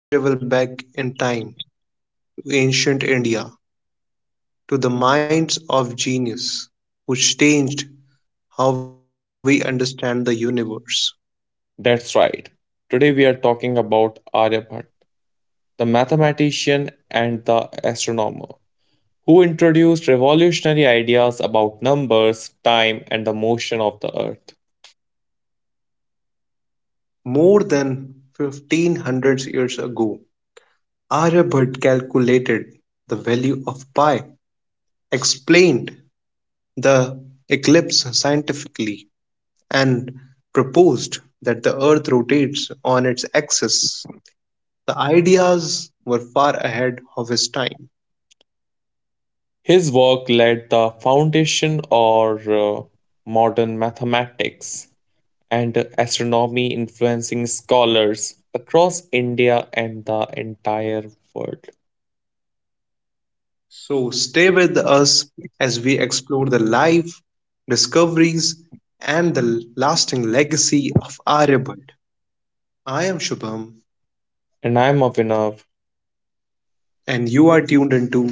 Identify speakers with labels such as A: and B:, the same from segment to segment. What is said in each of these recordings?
A: where we travel back in time to ancient India, to the minds of genius, which changed how we understand the universe.
B: That's right. Today we are talking about Aryabhatta, the mathematician and the astronomer, who introduced revolutionary ideas about numbers, time, and the motion of the earth.
A: More than 1500 years ago, Aryabhatta calculated the value of pi, explained the eclipse scientifically, and proposed that the earth rotates on its axis. The ideas were far ahead of his time.
B: His work laid the foundation or modern mathematics and astronomy, influencing scholars across India and the entire world.
A: So stay with us as we explore the life, discoveries, and the lasting legacy of Aryabhatta. I am Shubham,
B: And I'm Avinav.
A: and you are tuned into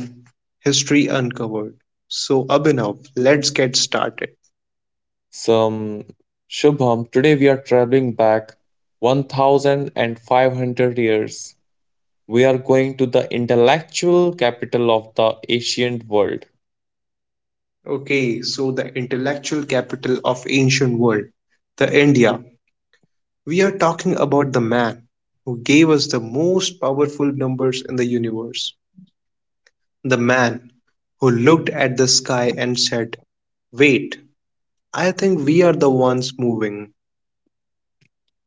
A: History Uncovered. So, Abhinav, let's get started.
B: Some Shubham, today we are traveling back 1500 years. We are going to the intellectual capital of the ancient world,
A: Okay, so the intellectual capital of ancient world, the India. We are talking about the man who gave us the most powerful numbers in the universe. The man who looked at the sky and said, "Wait, I think we are the ones moving."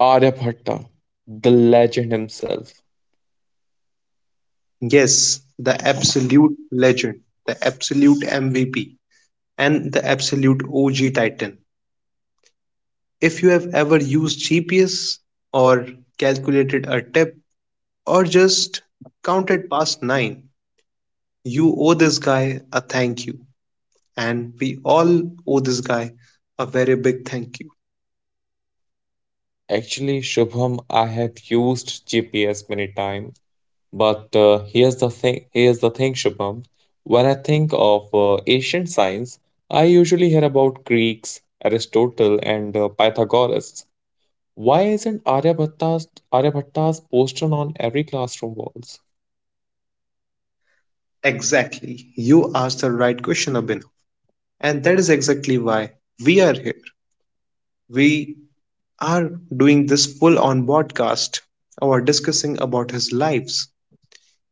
B: Aryabhatta, the legend himself.
A: Yes, the absolute legend, the absolute MVP, and the absolute OG titan. If you have ever used GPS or calculated a tip or just counted past nine, you owe this guy a thank you. And we all owe this guy a very big thank you.
B: Actually, Shubham, I have used GPS many times, but here's the thing. Here's the thing, Shubham. When I think of ancient science, I usually hear about Greeks, Aristotle, and Pythagoras. Why isn't Aryabhatta's poster on every classroom walls?
A: Exactly. You asked the right question, Abhinav. And that is exactly why we are here. We are doing this full on podcast or discussing about his lives.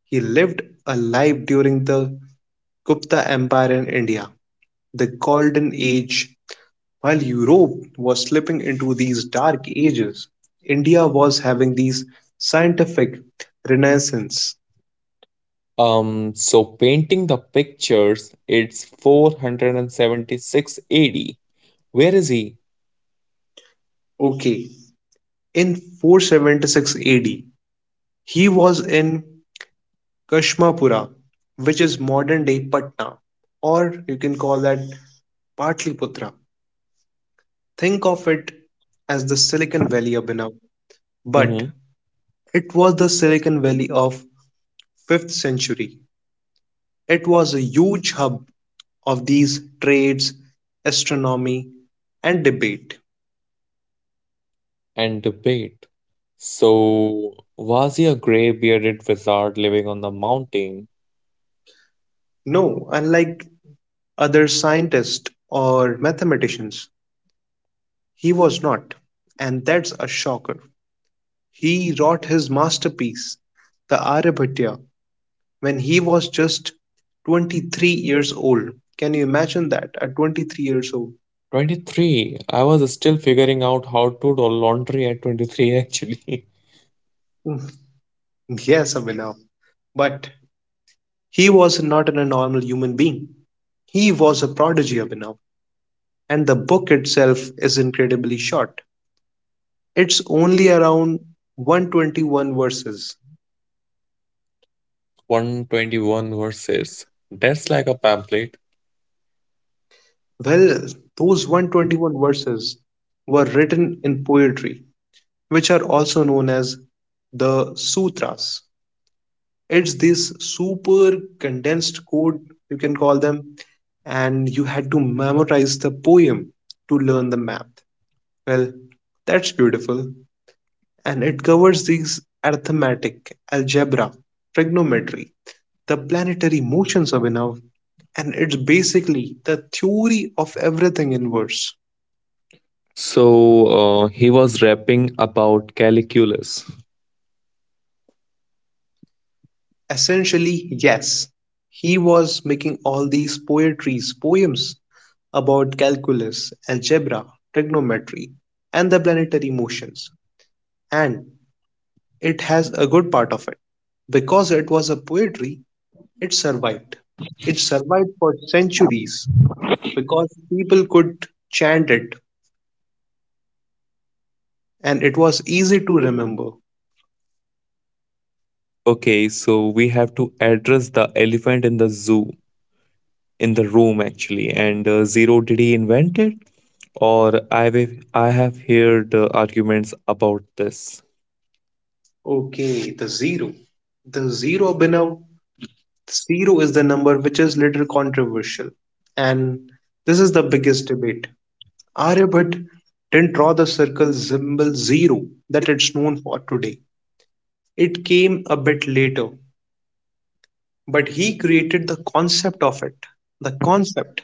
A: He lived a life during the Gupta Empire in India, the golden age. While Europe was slipping into these dark ages, India was having these scientific renaissance.
B: So painting the pictures, it's 476 AD. Where is he?
A: Okay, in 476 AD, he was in Kashmapura, which is modern day Patna, or you can call that Patliputra. Think of it as the Silicon Valley of now, but
B: hmm
A: it was the Silicon Valley of 5th century. It was a huge hub of these trades, astronomy, and debate.
B: And debate. So was he a gray-bearded wizard living on the mountain?
A: No, unlike other scientists or mathematicians, he was not, and that's a shocker. He wrote his masterpiece, the Aryabhata, when he was just 23 years old. Can you imagine that? At 23 years old.
B: 23. I was still figuring out how to do laundry at 23 actually.
A: Yes, Abhinav. But he was not a normal human being. He was a prodigy, Abhinav. And the book itself is incredibly short. It's only around 121 verses.
B: 121 verses. That's like a pamphlet.
A: Well, those 121 verses were written in poetry, which are also known as the sutras. It's this super condensed code, you can call them, and you had to memorize the poem to learn the math. Well, that's beautiful, and it covers these arithmetic, algebra, trigonometry, the planetary motions of enough, and it's basically the theory of everything in verse.
B: So he was rapping about calculus.
A: Essentially, yes, he was making all these poetries poems about calculus, algebra, trigonometry, and the planetary motions. And it has a good part of it. Because it was a poetry, it survived. It survived for centuries because people could chant it and it was easy to remember.
B: Okay, so we have to address the elephant in the room actually. And zero, did he invent it? Or I have heard arguments about this.
A: Okay, the zero. The zero, Binav. Zero is the number which is little controversial. And this is the biggest debate. Aryabhatta didn't draw the circle symbol zero that it's known for today. It came a bit later, but he created the concept of it, the concept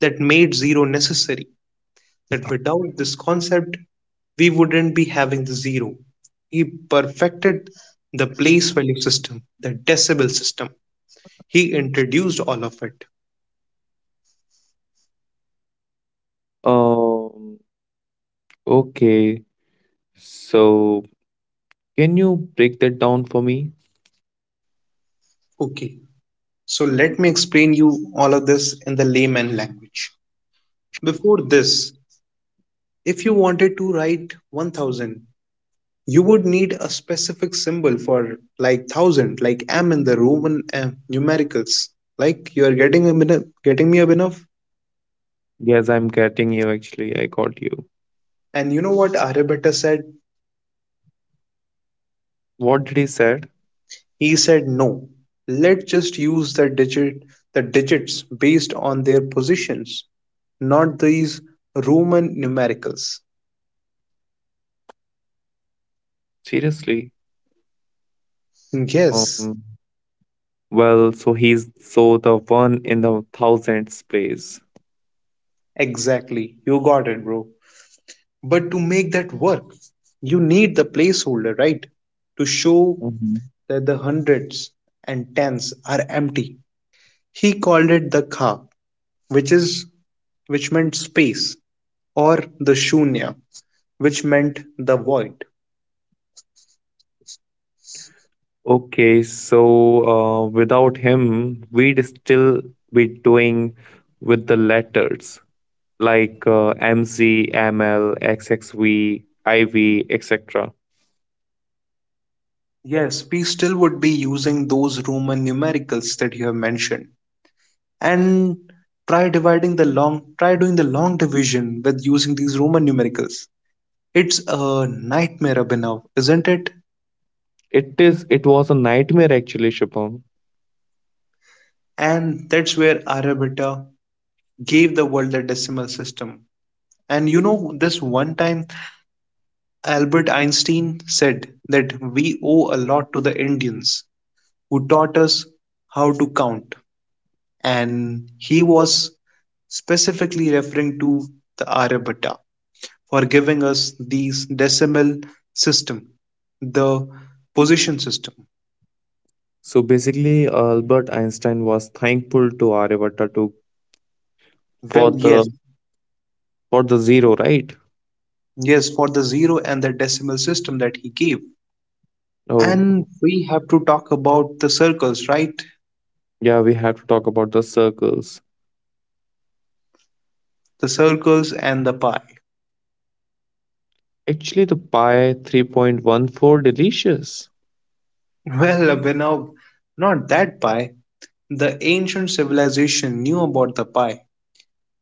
A: that made zero necessary. That without this concept, we wouldn't be having the zero. He perfected the place value system, the decibel system. He introduced all of it.
B: Um. Okay. So can you break that down for me?
A: Okay, so let me explain you all of this in the layman language. Before this, if you wanted to write 1000, you would need a specific symbol for like 1000, like am in the Roman numericals. Like you are getting a bit getting me a bit of.
B: Yes, I'm getting you. Actually, I got you.
A: And you know what Aryabhatta said?
B: What did he said?
A: He said no. Let's just use the digit, the digits based on their positions, not these Roman numericals.
B: Seriously.
A: Yes,
B: Um. Well, so he's so the one in the thousandth place.
A: exactly. You got it, bro. But to make that work, you need the placeholder, right? To show
B: Mhm.
A: that the hundreds and tens are empty. He called it the ka, which is which meant space, or the shunya, which meant the void.
B: Okay, so without him, we'd still be doing with the letters like MZ, ML, XXV, IV, etc.
A: Yes, we still would be using those Roman numericals that you have mentioned. And try doing the long division with using these Roman numericals. It's a nightmare, Abhinav, isn't it?
B: It is. It was a nightmare actually, Shubham.
A: And that's where Aryabhatta gave the world the decimal system. And you know, this one time Albert Einstein said that we owe a lot to the Indians who taught us how to count, and he was specifically referring to the Aryabhatta for giving us these decimal system, the position system.
B: So basically, Albert Einstein was thankful to Aryabhatta to, for
A: Well, yes,
B: the, for the zero, right?
A: yes, for the zero and the decimal system that he gave. And
B: Oh,
A: we have to talk about the circles, right?
B: yeah, we have to talk about the circles.
A: The circles and the pie.
B: Actually, the Pi 3.14 delicious.
A: Well, Abhinav, not that pie. The ancient civilization knew about the pie,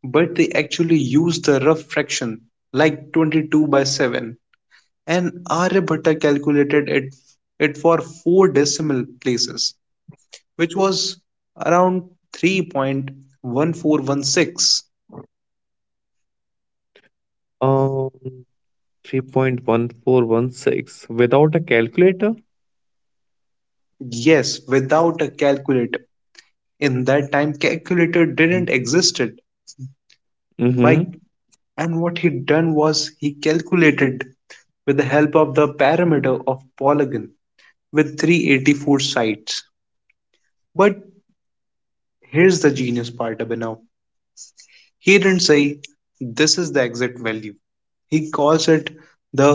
A: but they actually used the rough fraction, like 22 by 7, and Aryabhatta calculated it for four decimal places, which was around 3.1416.
B: Um, 3.1416 without a calculator.
A: Yes, without a calculator. In that time calculator didn't existed
B: Mm-hmm.
A: by, and what he done was he calculated with the help of the parameter of polygon with 384 sides. But here's the genius part, Abhinav. He didn't say this is the exact value. He calls it the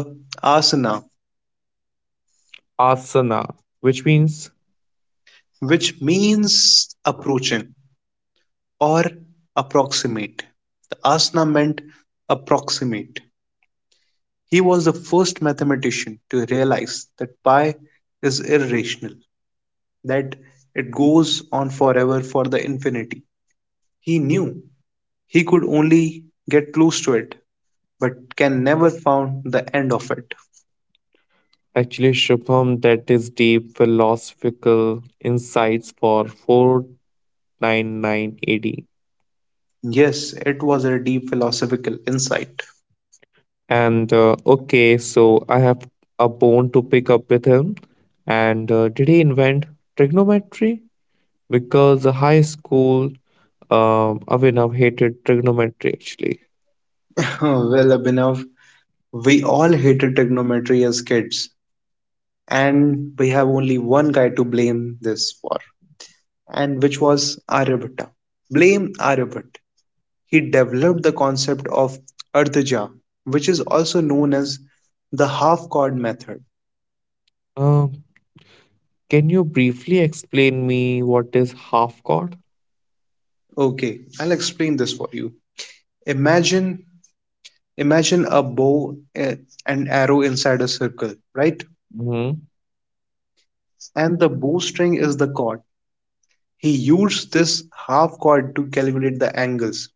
A: asana,
B: Asana, which means
A: which means approaching or approximate. The asana meant approximate. He was the first mathematician to realize that pi is irrational, that it goes on forever for the infinity. He knew he could only get close to it, but can never found the end of it.
B: actually Shubham, that is deep philosophical insights for 4,9,9,80.
A: Yes, it was a deep philosophical insight.
B: And okay, so I have a bone to pick up with him. And did he invent trigonometry? Because the high school Abhinav hated trigonometry actually.
A: Well, Abhinav, we all hated trigonometry as kids, and we have only one guy to blame this for, and which was Aryabhatta. Blame Aryabhatta. He developed the concept of artaja, which is also known as the half-chord method.
B: Um, can you briefly explain me what is half god?
A: Okay, I'll explain this for you. Imagine imagine a bow and arrow inside a circle, right?
B: hmm
A: And the bowstring is the chord. He used this half chord to calculate the angles,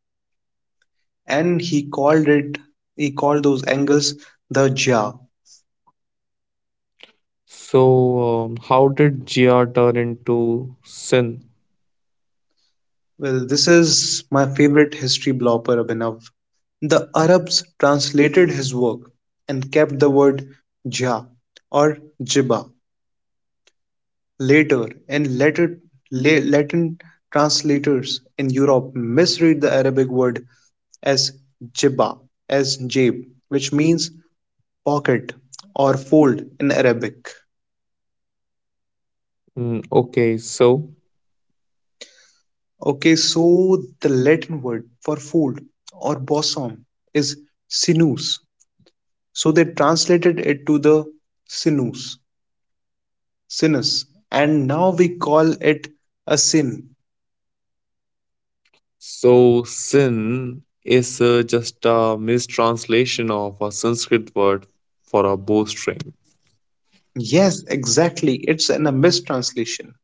A: and he called those angles the ja.
B: So, how did GR turn into sin?
A: Well, this is my favorite history blopper, Abhinav. The Arabs translated his work and kept the word Jah or Jiba later, and later Latin translators in Europe misread the Arabic word as Jiba, as Jab, which means pocket or fold in Arabic.
B: Mm, okay, so,
A: Okay, so the Latin word for fold or bosom is sinus. So they translated it to the sinus, sinus, and now we call it a sin.
B: so sin is just a mistranslation of a Sanskrit word for a bowstring.
A: Yes, exactly. It's a mistranslation.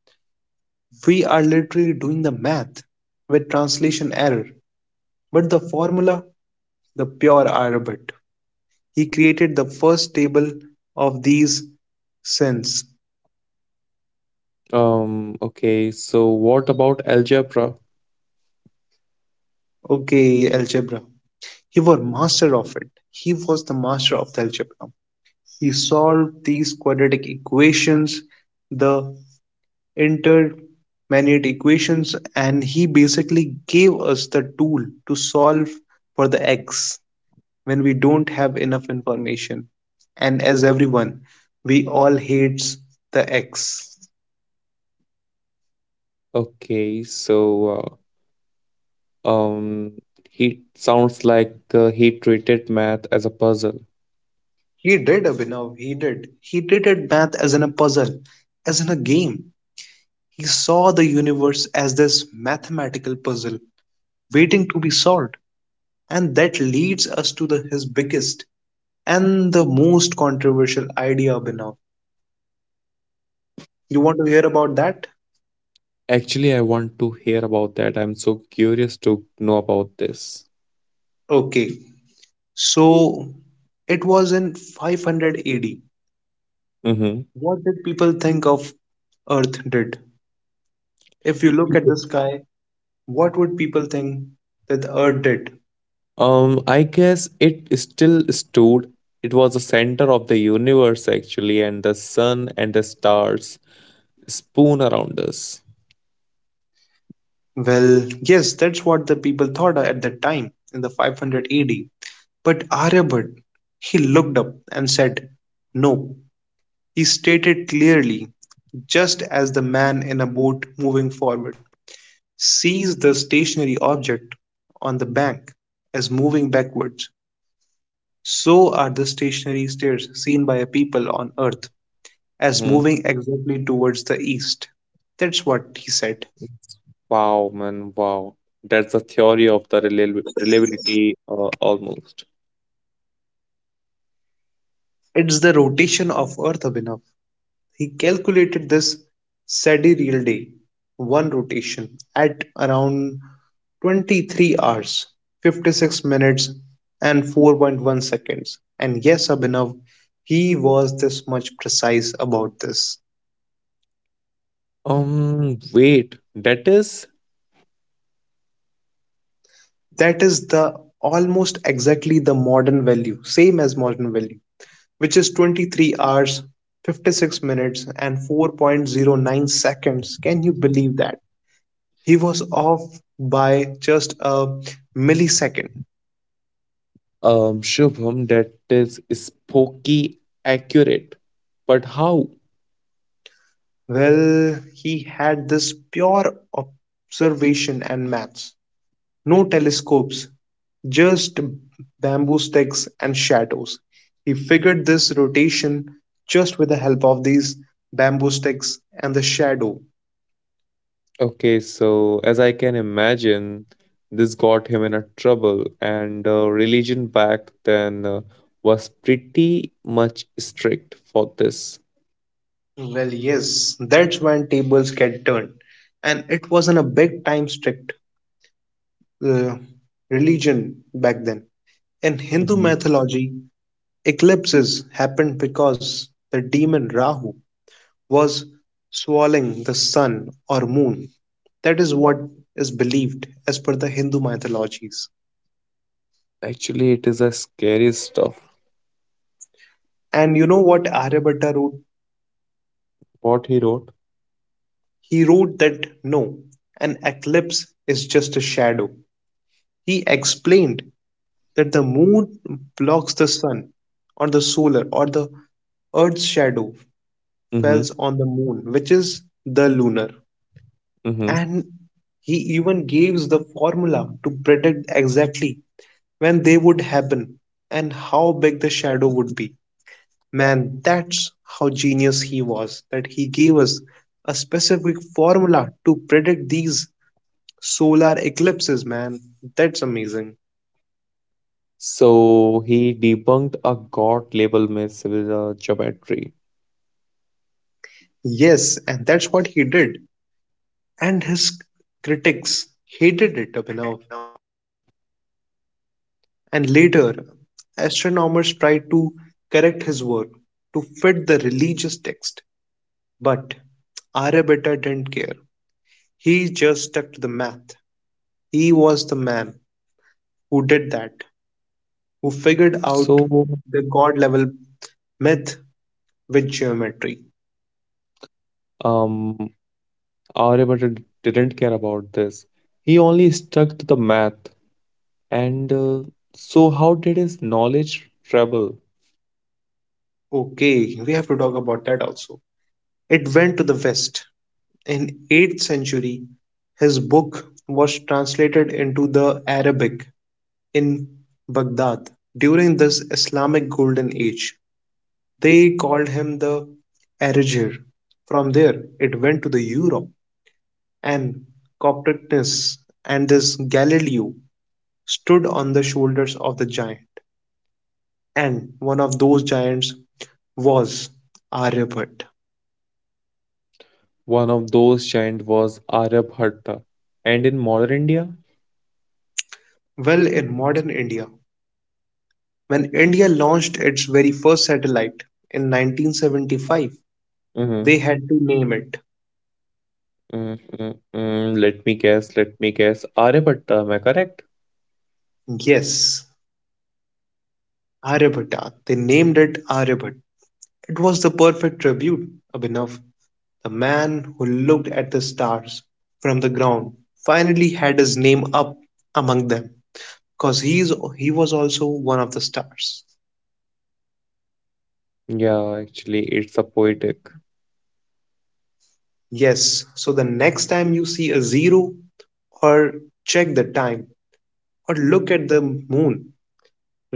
A: We are literally doing the math with translation error, but the formula, the pure Arabic. He created the first table of these sins.
B: Okay, so what about algebra?
A: Okay, algebra. He was master of it. He was the master of the algebra. He solved these quadratic equations, the intermediate equations, and he basically gave us the tool to solve for the x when we don't have enough information, and as everyone, we all hates the x.
B: Okay, so uh, um, he sounds like he treated math as a puzzle.
A: He did, Abhinav, he did at math as in a puzzle, as in a game. He saw the universe as this mathematical puzzle waiting to be solved. And that leads us to his biggest and the most controversial idea, Abhinav. You want to hear about that?
B: Actually, I want to hear about that. I'm so curious to know about this.
A: Okay. So it was in 500 AD.
B: Mm-hmm.
A: What did people think of Earth did? If you look at the sky, what would people think that the Earth did?
B: I guess it still stood. It was the center of the universe, actually, and the sun and the stars spoon around us.
A: Well, yes, that's what the people thought at that time in the 500 AD. But Aryabhat, he looked up and said, "No." He stated clearly, just as the man in a boat moving forward sees the stationary object on the bank as moving backwards, so are the stationary stairs seen by a people on Earth as
B: Mhm.
A: moving exactly towards the east. That's what he said.
B: Wow, man, wow. That's the theory of the reliability almost.
A: It's the rotation of Earth, Abhinav. He calculated this sidereal day, one rotation, at around 23 hours, 56 minutes, and 4.1 seconds. And yes, Abhinav, he was this much precise about this.
B: Wait, that is
A: That is the almost exactly the modern value, same as modern value, which is 23 hours, 56 minutes, and 4.09 seconds. Can you believe that? He was off by just a millisecond.
B: Shubham, that is spooky accurate. But how?
A: Well, he had this pure observation and maths. No telescopes, just bamboo sticks and shadows. He figured this rotation just with the help of these bamboo sticks and the shadow.
B: Okay, so as I can imagine, this got him in a trouble, and religion back then was pretty much strict for this.
A: Well, yes, that's when tables get turned. And it wasn't a big time strict uh, religion back then. In Hindu
B: Mhm.
A: mythology, eclipses happened because the demon Rahu was swallowing the sun or moon. That is what is believed as per the Hindu mythologies.
B: Actually, it is a scary stuff.
A: And you know what Aryabhatta wrote?
B: What he wrote.
A: He wrote that no, an eclipse is just a shadow. He explained that the moon blocks the sun or the solar or the earth's shadow
B: Mm-hmm.
A: falls on the moon, which is the lunar.
B: Mm-hmm.
A: And he even gives the formula to predict exactly when they would happen and how big the shadow would be. Man, that's how genius he was that he gave us a specific formula to predict these solar eclipses, man. That's amazing.
B: So he debunked a god label myth with geometry.
A: Yes, and that's what he did. And his critics hated it, Abhinav. And later, astronomers tried to correct his work to fit the religious text. But Aryabhatta didn't care. He just stuck to the math. He was the man who did that, who
B: So
A: figured out the god level myth with geometry.
B: um, Aryabhatta didn't care about this. He only stuck to the math. And so, how did his knowledge travel?
A: Okay, we have to talk about that also. It went to the West. In 8th century, his book was translated into the Arabic in Baghdad. During this Islamic golden age, they called him the Arajir. From there, it went to the Europe, and Copernicus and this Galileo stood on the shoulders of the giant. And one of those giants was Aryabhatta.
B: One of those giants was Aryabhatta. And in modern India,
A: Well, in modern India, when India launched its very first satellite in 1975,
B: mm-hmm,
A: they had to name it.
B: mm-hmm, mm-hmm, let me guess, Aryabhatta, am I correct?
A: Yes, Aryabhatta. They named it Aryabhatta. It was the perfect tribute, Abhinav. The man who looked at the stars from the ground finally had his name up among them because he was also one of the stars.
B: Yeah, actually, it's a poet.
A: Yes, so the next time you see a zero, or check the time, or look at the moon,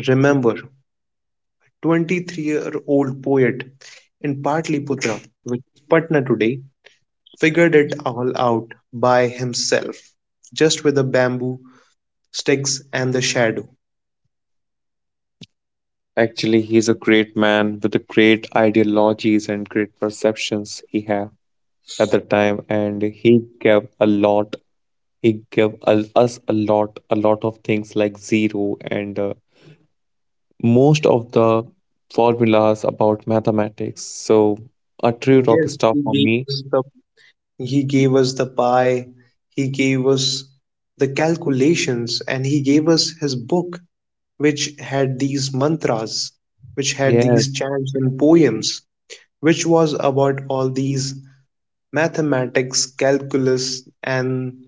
A: remember 23-year-old year old poet in Patliputra, which is Patna today, figured it all out by himself, just with the bamboo sticks and the shadow.
B: Actually, he's a great man with the great ideologies and great perceptions he had at the time, and he gave a lot. He gave us a lot of things like zero and most of the formulas about mathematics. So, a
A: Yes,
B: true rock star for me.
A: he gave us the pie, he gave us the calculations, and he gave us his book which had these mantras, which had these
B: Yeah,
A: chants and poems, which was about all these mathematics, calculus, and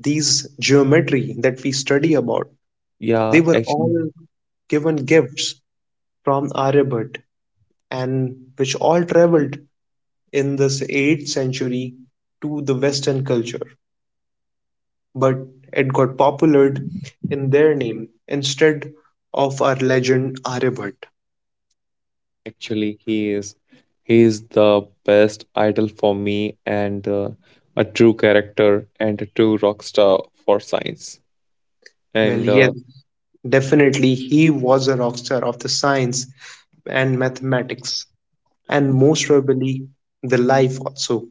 A: these geometry that we study about. They were
B: yeah.
A: all
B: Actually,
A: given gifts from Aryabhatta and which all traveled in this 8th century to the Western culture, but it got popularized in their name instead of our legend Aryabhatta.
B: Actually, he is. He is the best idol for me and a true character and a true rock star for science.
A: Well,
B: And
A: yes,
B: uh,
A: definitely, he was a rock star of the science and mathematics, and most probably the life also.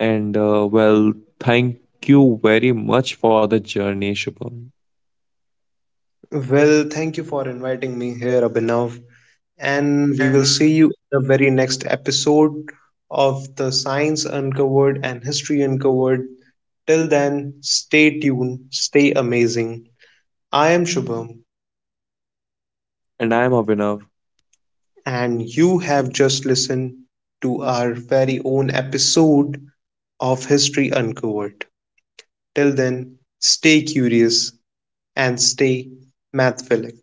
B: and well, thank you very much for the journey, Shubham.
A: Well, thank you for inviting me here, Abhinav, and we will see you in the very next episode of the Science Uncovered and History Uncovered. Till then, stay tuned, stay amazing. I am Shubham,
B: And I'm Abhinav.
A: and you have just listened to our very own episode of History Uncovered. Till then, stay curious and stay mathphilic.